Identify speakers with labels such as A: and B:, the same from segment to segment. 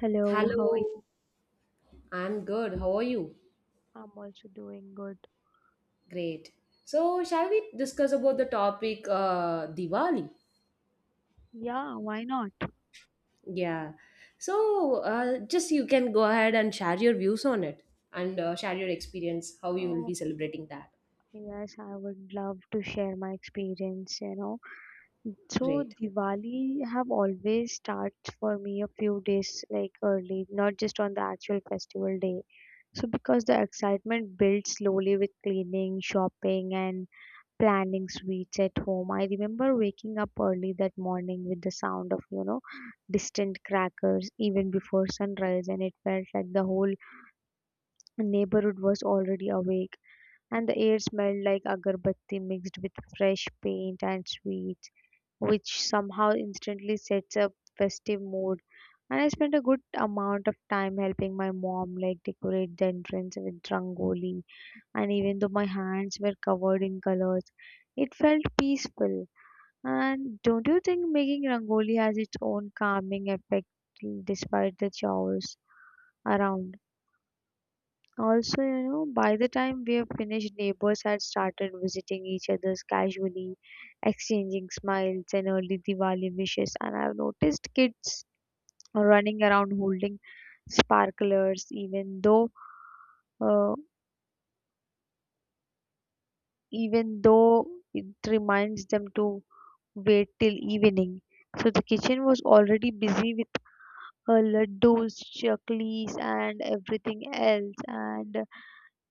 A: Hello, how are you?
B: Hello, I'm good. How are you?
A: I'm also doing good.
B: Great. So, shall we discuss about the topic Diwali?
A: Yeah, why not?
B: Yeah. So, just you can go ahead and share your views on it and share your experience, how you will be
A: Oh,
B: celebrating that.
A: yes, I would love to share my experience, you know. So
B: Great.
A: Diwali have always starts for me a few days like early, not just on the actual festival day. So because the excitement builds slowly with cleaning, shopping and planning sweets at home. I remember waking up early that morning with the sound of, you know, distant crackers even before sunrise and it felt like the whole the neighborhood was already awake, and the air smelled like agarbatti mixed with fresh paint and sweets, which somehow instantly sets a festive mood. And I spent a good amount of time helping my mom like decorate the entrance with rangoli, and even though my hands were covered in colors, it felt peaceful. And don't you think making rangoli has its own calming effect despite the chaos around? Also, you know, by the time we have finished, neighbors had started visiting each other's casually, exchanging smiles and early Diwali wishes. And I've noticed kids running around holding sparklers, uh, even though it reminds them to wait till evening. So the kitchen was already busy with laddus, chaklis, and everything else. And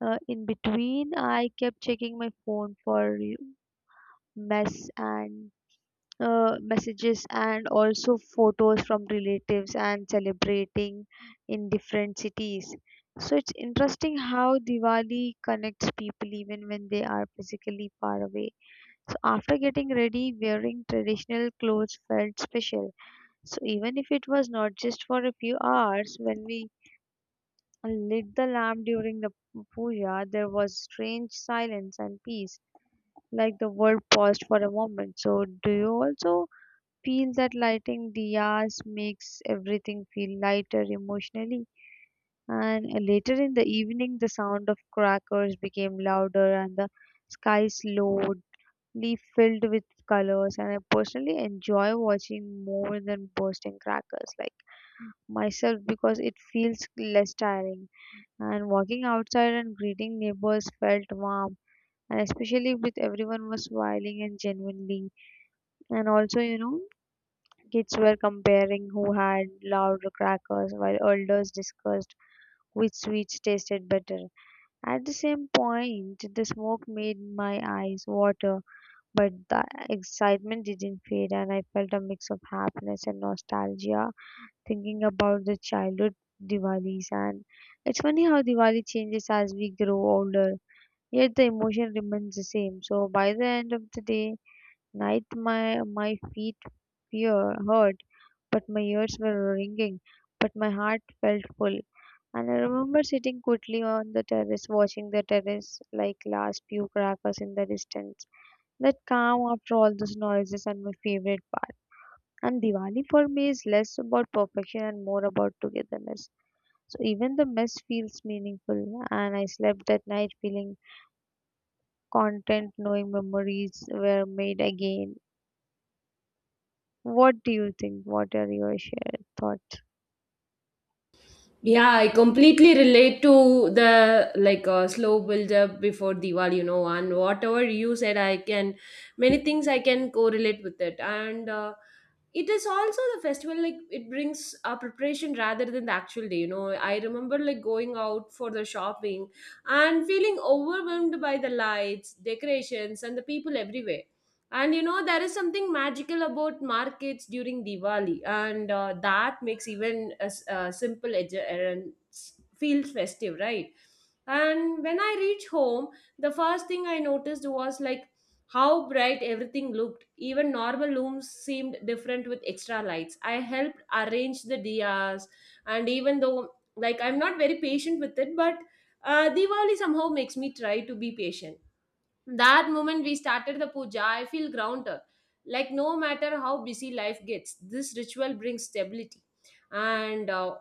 A: in between, I kept checking my phone for mess and messages and also photos from relatives and celebrating in different cities. So it's interesting how Diwali connects people even when they are physically far away. So after getting ready, wearing traditional clothes felt special. So even if it was not just for a few hours, when we lit the lamp during the puja, there was strange silence and peace, like the world paused for a moment. So do you also feel that lighting diyas makes everything feel lighter emotionally? And later in the evening, the sound of crackers became louder and the sky slowly filled with colors. And I personally enjoy watching more than bursting crackers, like myself because it feels less tiring. And walking outside and greeting neighbors felt warm, and especially with everyone was smiling and genuinely. And also, you know, kids were comparing who had louder crackers while elders discussed which sweets tasted better. At the same point, the smoke made my eyes water, but the excitement didn't fade, and I felt a mix of happiness and nostalgia thinking about the childhood Diwalis, and it's funny how Diwali changes as we grow older, yet the emotion remains the same. So by the end of the day, night my feet fear hurt, but my ears were ringing, but my heart felt full. And I remember sitting quietly on the terrace, watching the terrace like last few crackers in the distance. That calm after all those noises and my favorite part. And Diwali for me is less about perfection and more about togetherness. So even the mess feels meaningful, and I slept that night feeling content, knowing memories were made again. What do you think? What are your shared thoughts?
B: Yeah, I completely relate to the slow build up before Diwali, you know, and whatever you said, I can many things I can correlate with it, and it is also the festival like it brings a preparation rather than the actual day. You know, I remember like going out for the shopping and feeling overwhelmed by the lights, decorations, and the people everywhere and you know, there is something magical about markets during Diwali, and that makes even a simple edge errands feel festive, right? And when I reached home, the first thing I noticed was like how bright everything looked. Even normal rooms seemed different with extra lights. I helped arrange the diyas, and even though like I'm not very patient with it, but Diwali somehow makes me try to be patient that moment we started the puja I feel grounded, like no matter how busy life gets this ritual brings stability. And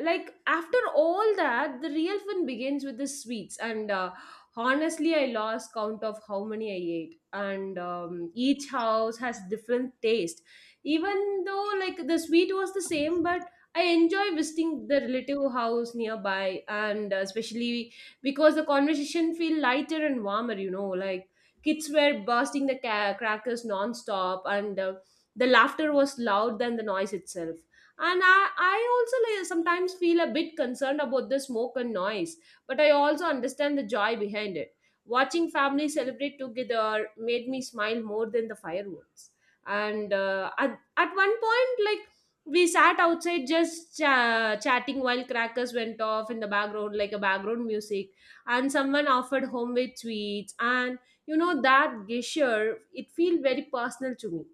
B: Like after all that the real fun begins with the sweets and honestly I lost count of how many I ate. And each house has different taste, even though like the sweet was the same, but I enjoy visiting the relative house nearby, and especially because the conversation feel lighter and warmer, you know, like kids were bursting the crackers non-stop, and the laughter was loud than the noise itself. And I also like, sometimes feel a bit concerned about the smoke and noise, but I also understand the joy behind it. Watching families celebrate together made me smile more than the fireworks. And at one point like we sat outside just chatting while crackers went off in the background like a background music, and someone offered homemade sweets, and you know that gesture it feel very personal to me.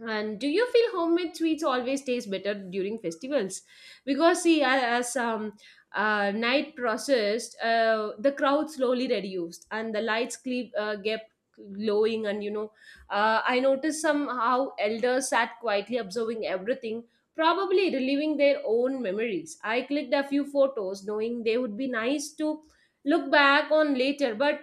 B: And do you feel homemade sweets always taste better during festivals? Because see, as night processed, the crowd slowly reduced and the lights kept glowing. And you know, I noticed somehow elders sat quietly observing everything, probably reliving their own memories. I clicked a few photos, knowing they would be nice to look back on later, but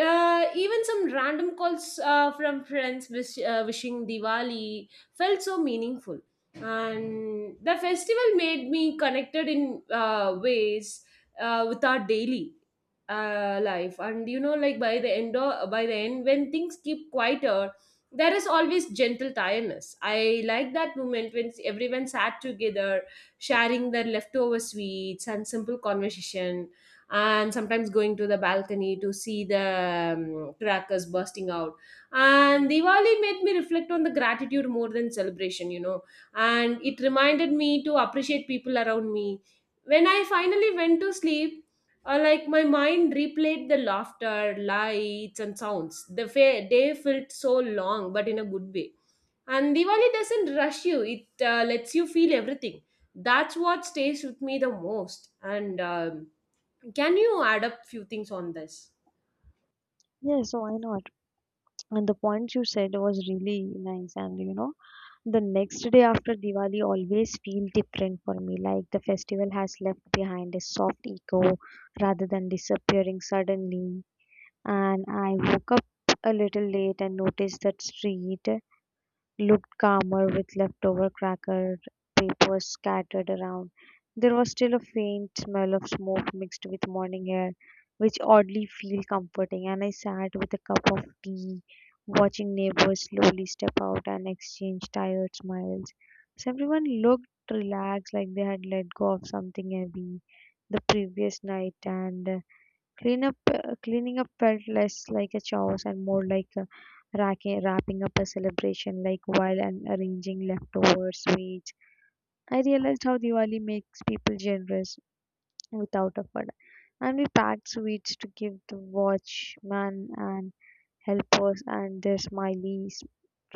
B: even some random calls from friends wishing Diwali felt so meaningful. And the festival made me connected in ways with our daily life. And you know, like by the end, when things keep quieter, there is always gentle tiredness. I like that moment when everyone sat together, sharing their leftover sweets and simple conversation, and sometimes going to the balcony to see the crackers bursting out. And Diwali made me reflect on the gratitude more than celebration, you know, and it reminded me to appreciate people around me. When I finally went to sleep, like my mind replayed the laughter lights and sounds, the day felt so long but in a good way. And Diwali doesn't rush you, it lets you feel everything. That's what stays with me the most. And can you add up few things on this?
A: Yes, why not? And the point you said was really nice. And you know, the next day after Diwali always feel different for me. Like the festival has left behind a soft echo rather than disappearing suddenly. And I woke up a little late and noticed that street looked calmer with leftover cracker papers scattered around. There was still a faint smell of smoke mixed with morning air, which oddly feel comforting, and I sat with a cup of tea, watching neighbors slowly step out and exchange tired smiles. So everyone looked relaxed like they had let go of something heavy the previous night and cleaning up felt less like a chore and more like a racking, wrapping up a celebration, like while and arranging leftover sweets. I realized how Diwali makes people generous without effort, and we packed sweets to give the watchman and helpers and their smiley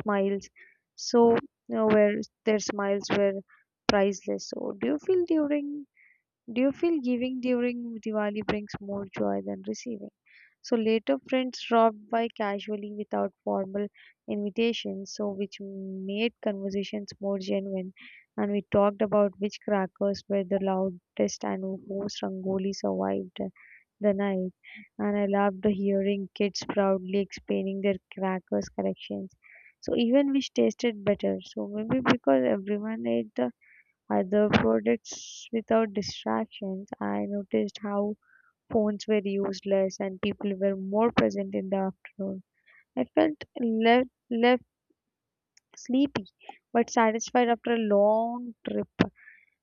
A: smiles. So, you know, where their smiles were priceless. So, do you feel giving during Diwali brings more joy than receiving? So later friends dropped by casually without formal invitations, so which made conversations more genuine and we talked about which crackers were the loudest and whose rangoli survived the night. And I loved hearing kids proudly explaining their crackers collections. So even which tasted better. So maybe because everyone ate the other products without distractions, I noticed how phones were used less and people were more present in the afternoon. I felt left sleepy but satisfied after a long trip.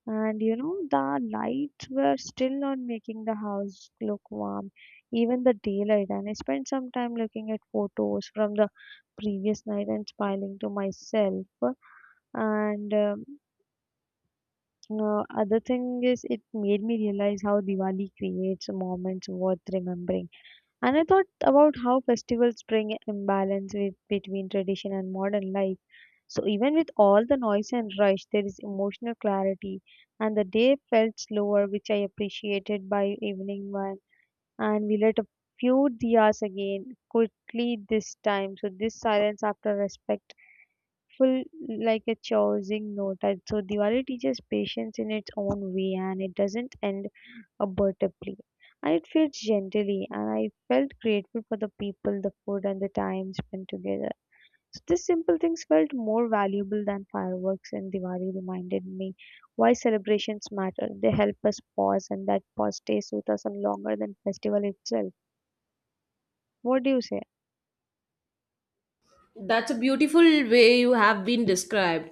A: And you know, the lights were still not making the house look warm, even the daylight. And I spent some time looking at photos from the previous night and smiling to myself. And Other thing is, it made me realize how Diwali creates moments worth remembering. And I thought about how festivals bring imbalance with, between tradition and modern life. So even with all the noise and rush, there is emotional clarity, and the day felt slower, which I appreciated by evening one. And we lit a few diyas again quickly this time. So this silence after respectful, like a choosing note. And so Diwali teaches patience in its own way, and it doesn't end comfortably. And it felt gently, and I felt grateful for the people, the food, and the time spent together. So these simple things felt more valuable than fireworks, and Diwali reminded me why celebrations matter. They help us pause, and that pause stays with us and longer than festival itself. What do you say?
B: That's a beautiful way you have been described.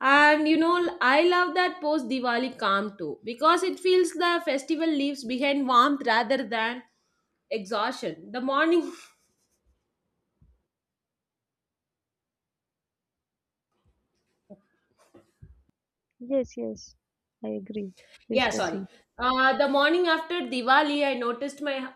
B: And you know, I love that post Diwali calm too because it feels the festival leaves behind warmth rather than exhaustion. The morning,
A: Yes, yes, I agree. Please
B: yeah, sorry.
A: proceed.
B: The morning after Diwali, I noticed my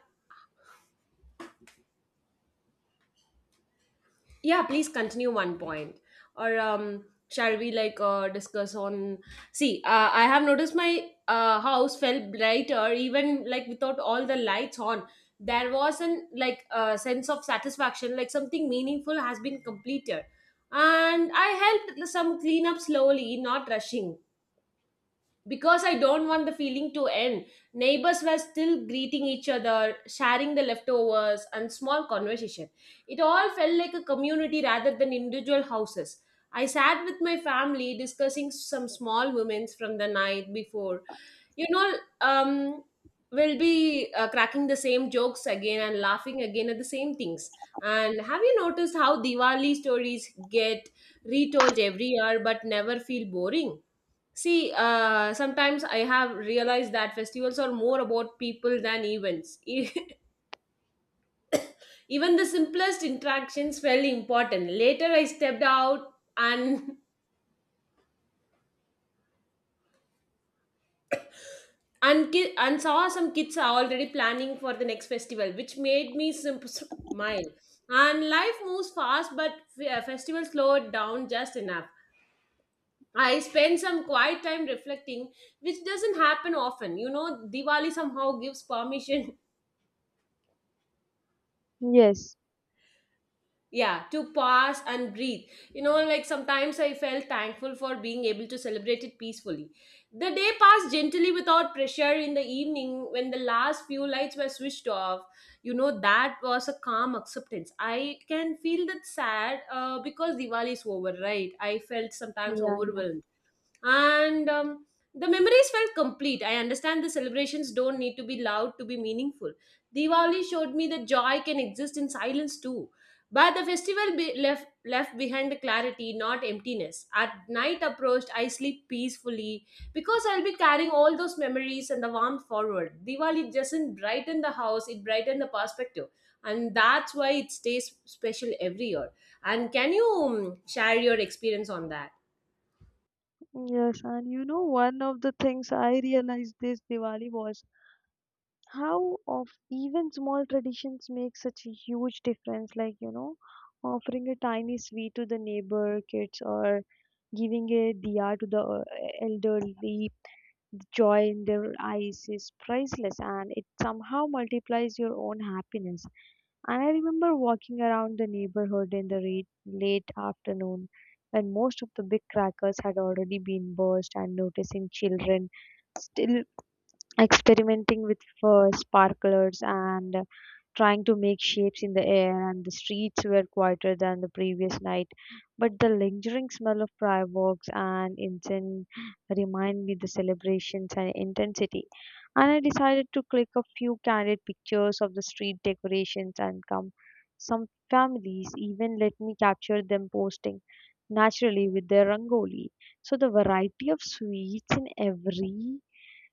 B: yeah please continue one point or shall we discuss on see I have noticed my house felt brighter even like without all the lights on. There was an like a sense of satisfaction, like something meaningful has been completed, and I helped some clean up slowly, not rushing because I don't want the feeling to end. Neighbors were still greeting each other, sharing the leftovers, and small conversation. It all felt like a community rather than individual houses. I sat with my family discussing some small moments from the night before. You know, um, we'll be cracking the same jokes again and laughing again at the same things. And have you noticed how Diwali stories get retold every year but never feel boring? See, sometimes I have realized that festivals are more about people than events. Even the simplest interactions felt important. Later, I stepped out and saw some kids are already planning for the next festival, which made me smile. And life moves fast, but festival slowed down just enough. I spend some quiet time reflecting, which doesn't happen often. You know, Diwali somehow gives permission
A: Yes.
B: yeah to pause and breathe. You know, like sometimes I felt thankful for being able to celebrate it peacefully. The day passed gently without pressure. In the evening when the last few lights were switched off, you know, that was a calm acceptance. I can feel that sad because Diwali is over, right? I felt sometimes
A: Yeah, yeah.
B: overwhelmed. And the memories felt complete. I understand the celebrations don't need to be loud to be meaningful. Diwali showed me that joy can exist in silence too, but the festival left behind the clarity, not emptiness. At night approached I sleep peacefully because I'll be carrying all those memories and the warmth forward. Diwali doesn't brighten the house, it brightens the perspective, and that's why it stays special every year. And can you share your experience on that?
A: Yes, and you know, one of the things I realized this Diwali was how of even small traditions make such a huge difference, like you know, offering a tiny sweet to the neighbor kids or giving a diya to the elderly. The joy in their eyes is priceless and it somehow multiplies your own happiness. And I remember walking around the neighborhood in the re- late afternoon when most of the big crackers had already been burst and noticing children still experimenting with sparklers, and trying to make shapes in the air, and the streets were quieter than the previous night, but the lingering smell of fireworks and incense remind me the celebrations and intensity. And I decided to click a few candid pictures of the street decorations and come some families even let me capture them posting naturally with their rangoli. So the variety of sweets in every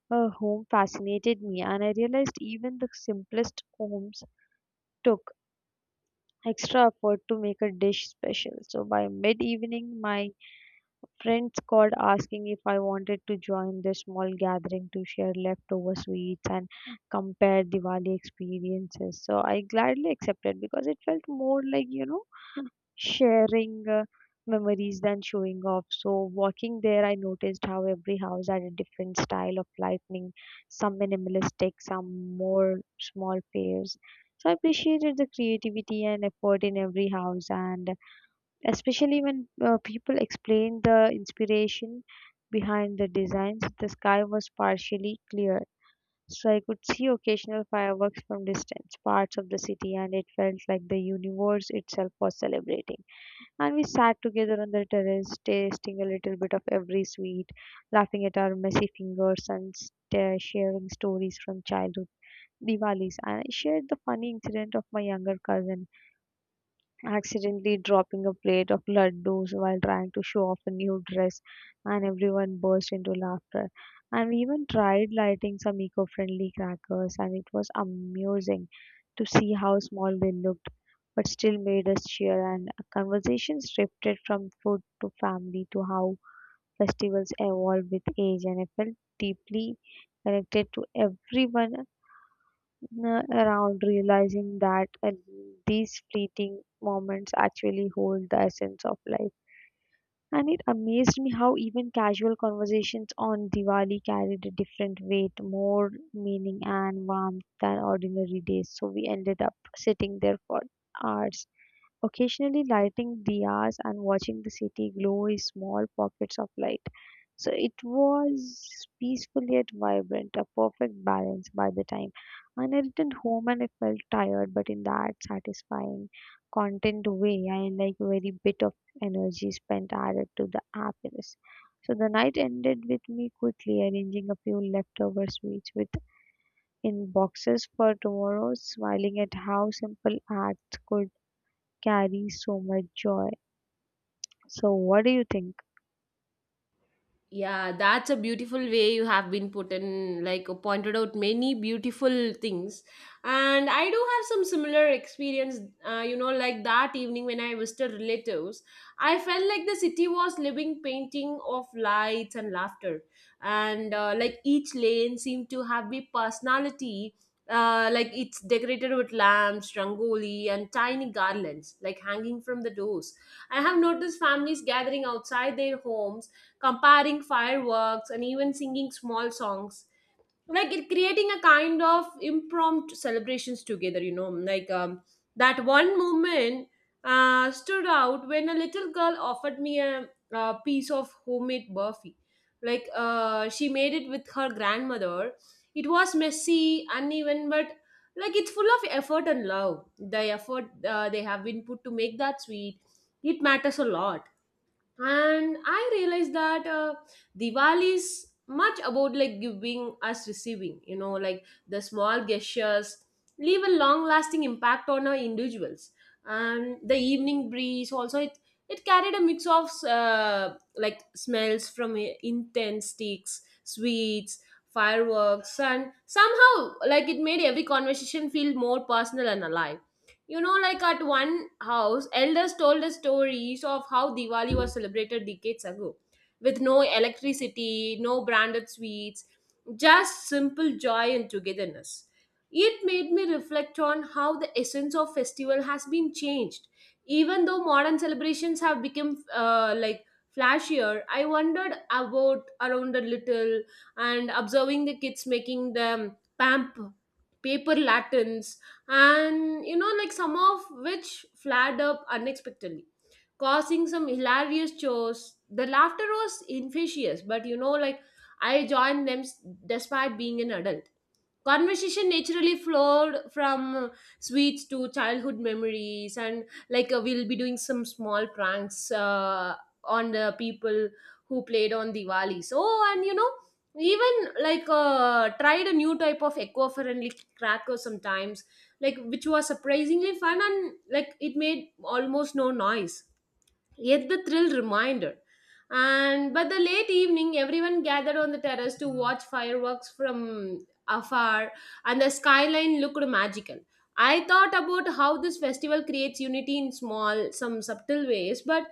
A: her home fascinated me, and I realized even the simplest homes took extra effort to make a dish special. So by mid evening, my friends called asking if I wanted to join their small gathering to share leftover sweets and compare Diwali experiences. So I gladly accepted because it felt more like, you know, sharing memories than showing off. So, walking there, I noticed how every house had a different style of lighting, some minimalistic, some more small fairs. So, I appreciated the creativity and effort in every house, and especially when people explained the inspiration behind the designs, the sky was partially clear. So I could see occasional fireworks from distance parts of the city, and it felt like the universe itself was celebrating. And we sat together on the terrace, tasting a little bit of every sweet, laughing at our messy fingers and sta sharing stories from childhood Diwalis. And I shared the funny incident of my younger cousin accidentally dropping a plate of laddus while trying to show off a new dress, and everyone burst into laughter. And we even tried lighting some eco friendly crackers, and it was amusing to see how small they looked, but still made us cheer. And conversations drifted from food to family to how festivals evolve with age, and I felt deeply connected to everyone around, realizing that these fleeting moments actually hold the essence of life. And it amazed me how even casual conversations on Diwali carried a different weight, more meaning and warmth than ordinary days. So we ended up sitting there for hours, occasionally lighting diyas and watching the city glow in small pockets of light. So it was peaceful yet vibrant, a perfect balance by the time. And I returned home and I felt tired, but in that satisfying, content way, I like very bit of energy spent added to the happiness. So the night ended with me quickly arranging a few leftover sweets with in boxes for tomorrow, smiling at how simple acts could carries so much joy. So, what do you think?
B: Yeah, that's a beautiful way you have been put in, pointed out many beautiful things. And I do have some similar experience. You know, like that evening when I visited relatives, I felt like the city was living painting of lights and laughter. And like each lane seemed to have a personality. Like it's decorated with lamps, rangoli, and tiny garlands like hanging from the doors. I have noticed families gathering outside their homes, comparing fireworks and even singing small songs, like it creating a kind of impromptu celebrations together. You know, that one moment stood out when a little girl offered me a piece of homemade burfi, like she made it with her grandmother. It was messy, uneven, but like it's full of effort and love. The effort they have been put to make that sweet, it matters a lot. And I realized that Diwali is much about like giving us receiving. You know, like the small gestures leave a long lasting impact on our individuals. And the evening breeze also, it carried a mix of like smells from intense sticks, sweets, fireworks, and somehow like it made every conversation feel more personal and alive. You know, like at one house, elders told the stories of how Diwali was celebrated decades ago with no electricity, no branded sweets, just simple joy and togetherness. It made me reflect on how the essence of festival has been changed. Even though modern celebrations have become like flashier, I wondered about around a little and observing the kids making them pamp paper lanterns, and you know like some of which flared up unexpectedly, causing some hilarious chores. The laughter was infectious, but you know like I joined them despite being an adult. Conversation naturally flowed from sweets to childhood memories, and like we'll be doing some small pranks on the people who played on Diwali. So, and you know, even like tried a new type of eco-friendly cracker sometimes, like which was surprisingly fun and like it made almost no noise, yet the thrill reminder. And by the late evening, everyone gathered on the terrace to watch fireworks from afar, and the skyline looked magical. I thought about how this festival creates unity in small, some subtle ways, but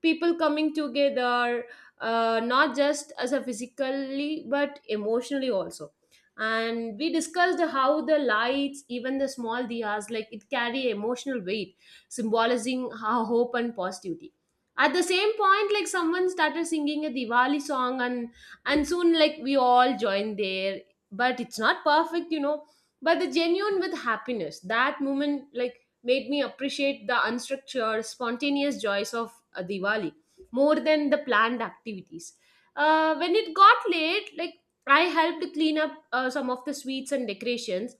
B: people coming together, not just as a physically, but emotionally also. And we discussed how the lights, even the small diyas, like it carry emotional weight, symbolizing how hope and positivity at the same point like someone started singing a Diwali song, and soon like we all joined there, but it's not perfect, you know, but the genuine with happiness that moment like made me appreciate the unstructured spontaneous joys of Diwali more than the planned activities. When it got late, like I helped clean up some of the sweets and decorations.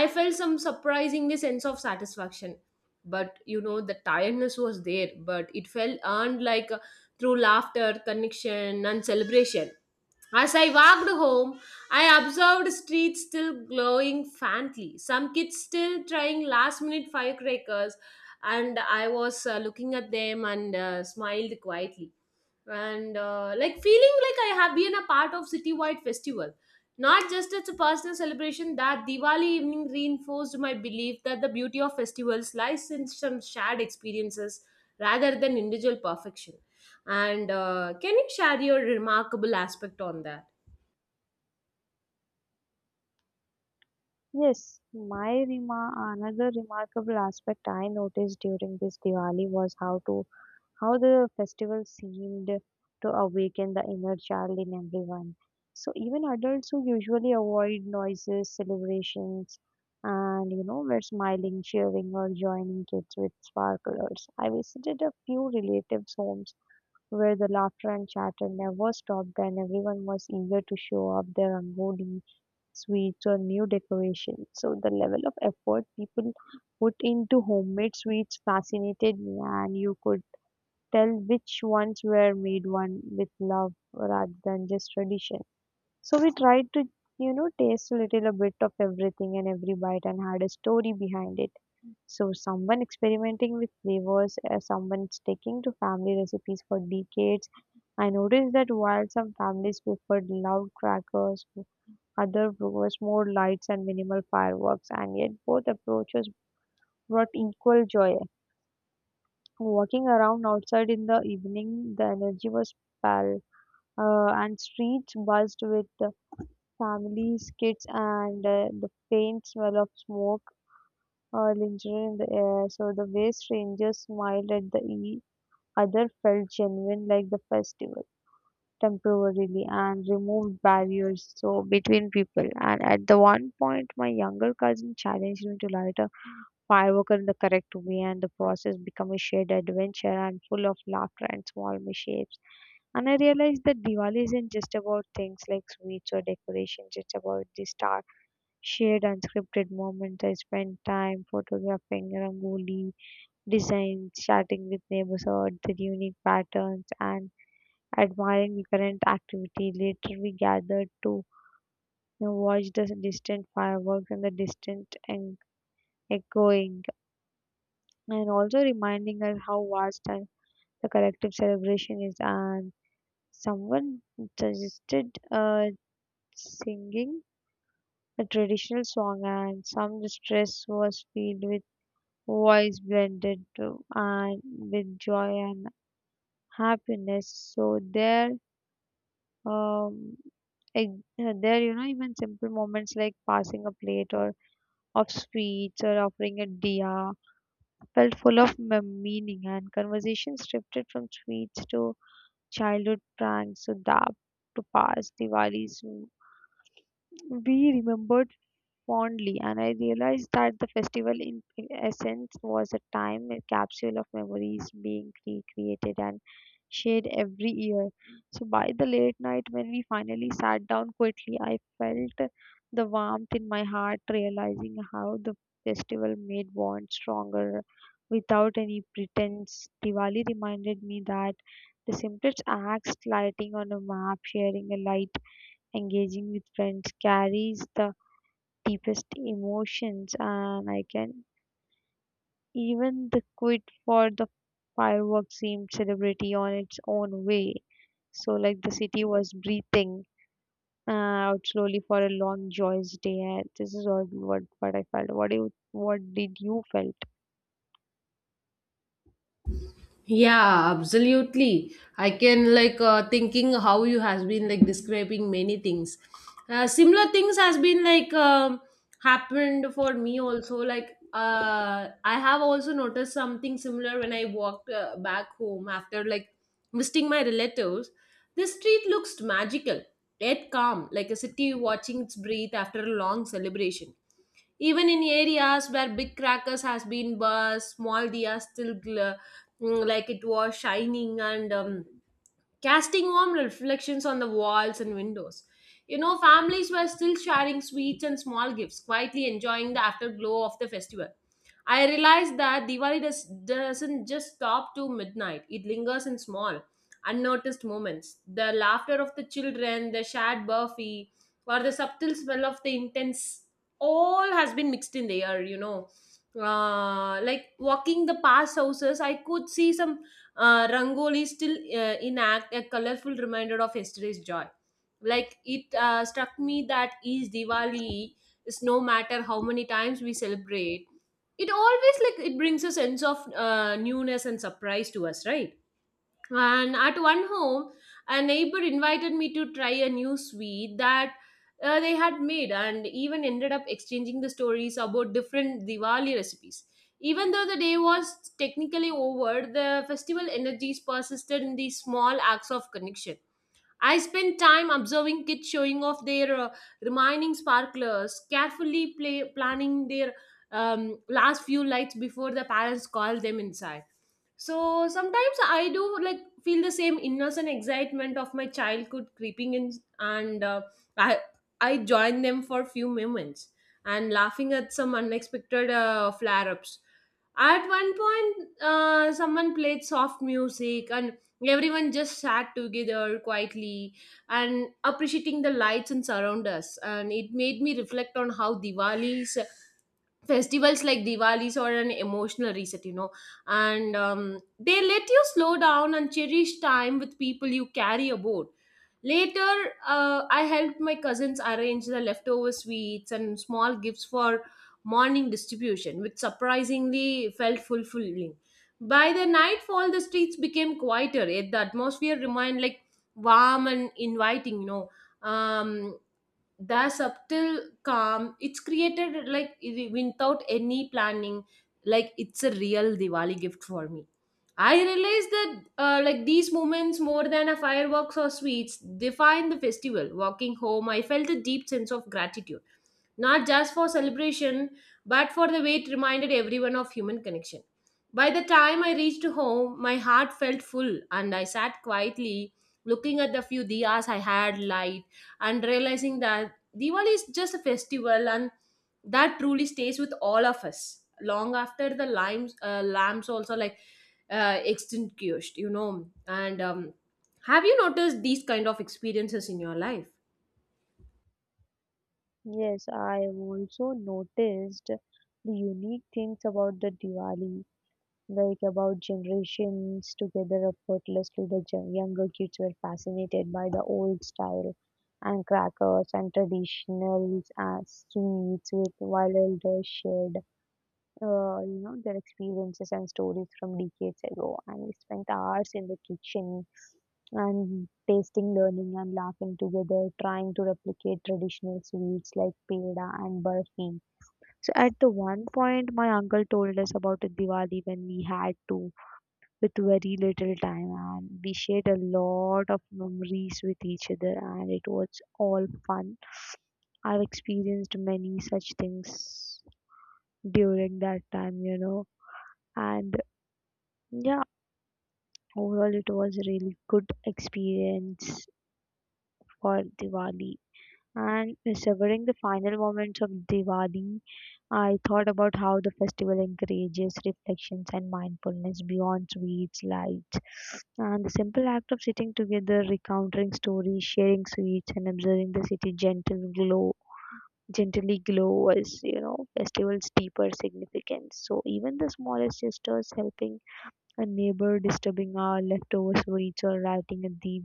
B: I felt some surprisingly sense of satisfaction, but you know the tiredness was there, but it felt earned, like through laughter, connection and celebration. As I walked home, I observed streets still glowing faintly, some kids still trying last minute firecrackers, and I was looking at them and smiled quietly. And like feeling like I have been a part of citywide festival. Not just as a personal celebration, that Diwali evening reinforced my belief that the beauty of festivals lies in some shared experiences rather than individual perfection. And can you share your remarkable aspect on that?
A: Yes, my rema- another remarkable aspect I noticed during this Diwali was how the festival seemed to awaken the inner child in everyone. So even adults who usually avoid noises, celebrations, and you know were smiling, cheering, or joining kids with sparklers. I visited a few relatives' homes where the laughter and chatter never stopped, and everyone was eager to show off their rangoli, sweets, or new decorations. So the level of effort people put into homemade sweets fascinated me, and you could tell which ones were made one with love rather than just tradition. So we tried to taste a little a bit of everything, and every bite and had a story behind it, so someone experimenting with flavors, someone sticking to family recipes for decades. I noticed that while some families preferred loud crackers, other preferred more lights and minimal fireworks, and yet both approaches brought equal joy. Walking around outside in the evening, the energy was pal, and streets buzzed with the families, kids, and the faint smell of smoke linger in the air, so the way strangers smiled at the other felt genuine, like the festival temporarily and removed barriers so between people. And at the one point, my younger cousin challenged me to light a firework in the correct way, and the process became a shared adventure and full of laughter and small mishaps, and I realized that Diwali isn't just about things like sweets or decorations, it's about the start shared unscripted moments. I spent time photographing rangoli designs, chatting with neighbors about the unique patterns, and admiring the current activity. Later, we gathered to watch the distant fireworks and the distant and echoing, and also reminding us how vast and the collective celebration is. And someone suggested singing a traditional song, and some distress was filled with voice blended to, and with joy and happiness. So there um, there even simple moments like passing a plate or of sweets or offering a diya felt full of meaning, and conversations shifted from sweets to childhood pranks to dab to past Diwalis. We remembered fondly, and I realized that the festival, in essence, was a time a capsule of memories being recreated and shared every year. So, by the late night, when we finally sat down quietly, I felt the warmth in my heart, realizing how the festival made bonds stronger without any pretense. Diwali reminded me that the simplest acts, lighting on a map, sharing a light, engaging with friends, carries the deepest emotions, and I can even the quit for the fireworks seemed celebrity on its own way. So, like the city was breathing uh, out slowly for a long, joyous day. And this is what I felt. What did you felt?
B: Yeah, absolutely. I can like thinking how you has been like describing many things. Similar things has been like happened for me also. Like I have also noticed something similar when I walked back home after like visiting my relatives. The street looks magical, yet calm, like a city watching its breathe after a long celebration, even in areas where big crackers has been burst, small dias still like it was shining and casting warm reflections on the walls and windows. You know, families were still sharing sweets and small gifts, quietly enjoying the afterglow of the festival. I realized that doesn't just stop to midnight, it lingers in small, unnoticed moments. The laughter of the children, the shared burfi, or the subtle smell of the intense, all has been mixed in the air, you know. Like walking the past houses, I could see some Rangoli still in act, a colorful reminder of yesterday's joy. Like it struck me that each Diwali is, no matter how many times we celebrate, it always like it brings a sense of newness and surprise to us, right? And at one home, a neighbor invited me to try a new sweet that they had made, and even ended up exchanging the stories about different Diwali recipes. Even though the day was technically over, the festival energies persisted in these small acts of connection. I spend time observing kids showing off their remaining sparklers, carefully planning their last few lights before the parents call them inside. So sometimes I do like feel the same innocent excitement of my childhood creeping in, and I I join them for few moments and laughing at some unexpected flare ups. At one point, someone played soft music, and everyone just sat together quietly and appreciating the lights and surround us. And it made me reflect on how Diwali's festivals like Diwali's are an emotional reset, you know, and they let you slow down and cherish time with people you carry aboard. Later, I helped my cousins arrange the leftover sweets and small gifts for morning distribution, which surprisingly felt fulfilling. By the nightfall, the streets became quieter, yet the atmosphere remained like warm and inviting, you know. um the subtle calm it's created like it- without any planning, like it's a real Diwali gift for me. I realize that like these moments, more than a fireworks or sweets, define the festival. Walking home, I felt a deep sense of gratitude, not just for celebration, but for the way it reminded everyone of human connection. By the time I reached home, my heart felt full, and I sat quietly looking at the few diyas I had light, and realizing that Diwali is just a festival and that truly stays with all of us long after the lamps also like extinguished, you know. And have you noticed these kind of experiences in your life?
A: Yes, I have also noticed the unique things about the Diwali, like about generations together effortlessly. The younger kids were fascinated by the old style and crackers and traditional sweets, with while elders shared, their experiences and stories from decades ago. And we spent hours in the kitchen and tasting, learning, and laughing together, trying to replicate traditional sweets like peda and barfi. So at the one point, my uncle told us about a Diwali when we had to with very little time, and we shared a lot of memories with each other, and it was all fun. I've experienced many such things during that time, you know, and yeah, overall, it was a really good experience for Diwali. And savoring the final moments of Diwali, I thought about how the festival encourages reflections and mindfulness beyond sweets, lights, and the simple act of sitting together, recounting stories, sharing sweets, and observing the city gentle glow, gently glow as you know festival's deeper significance. So even the smallest gestures, helping a neighbor, disturbing our leftover sweets, or writing a deep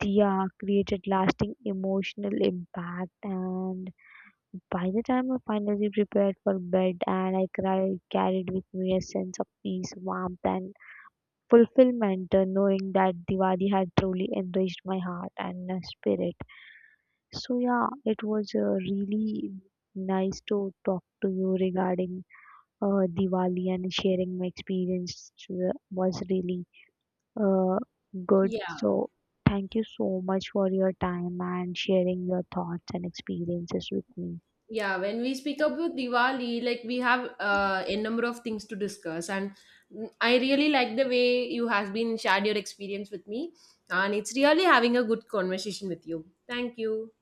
A: diya created lasting emotional impact, and by the time I finally prepared for bed and I cried, carried with me a sense of peace, warmth, and fulfillment, knowing that Diwali had truly enriched my heart and spirit. So, yeah, it was really nice to talk to you regarding Diwali, and sharing my experience was really uh, good.
B: Yeah,
A: So, thank you so much for your time and sharing your thoughts and experiences with me.
B: yeah. When we speak about Diwali, like we have a number of things to discuss, and I really like the way you has been shared your experience with me, and it's really having a good conversation with you. Thank you.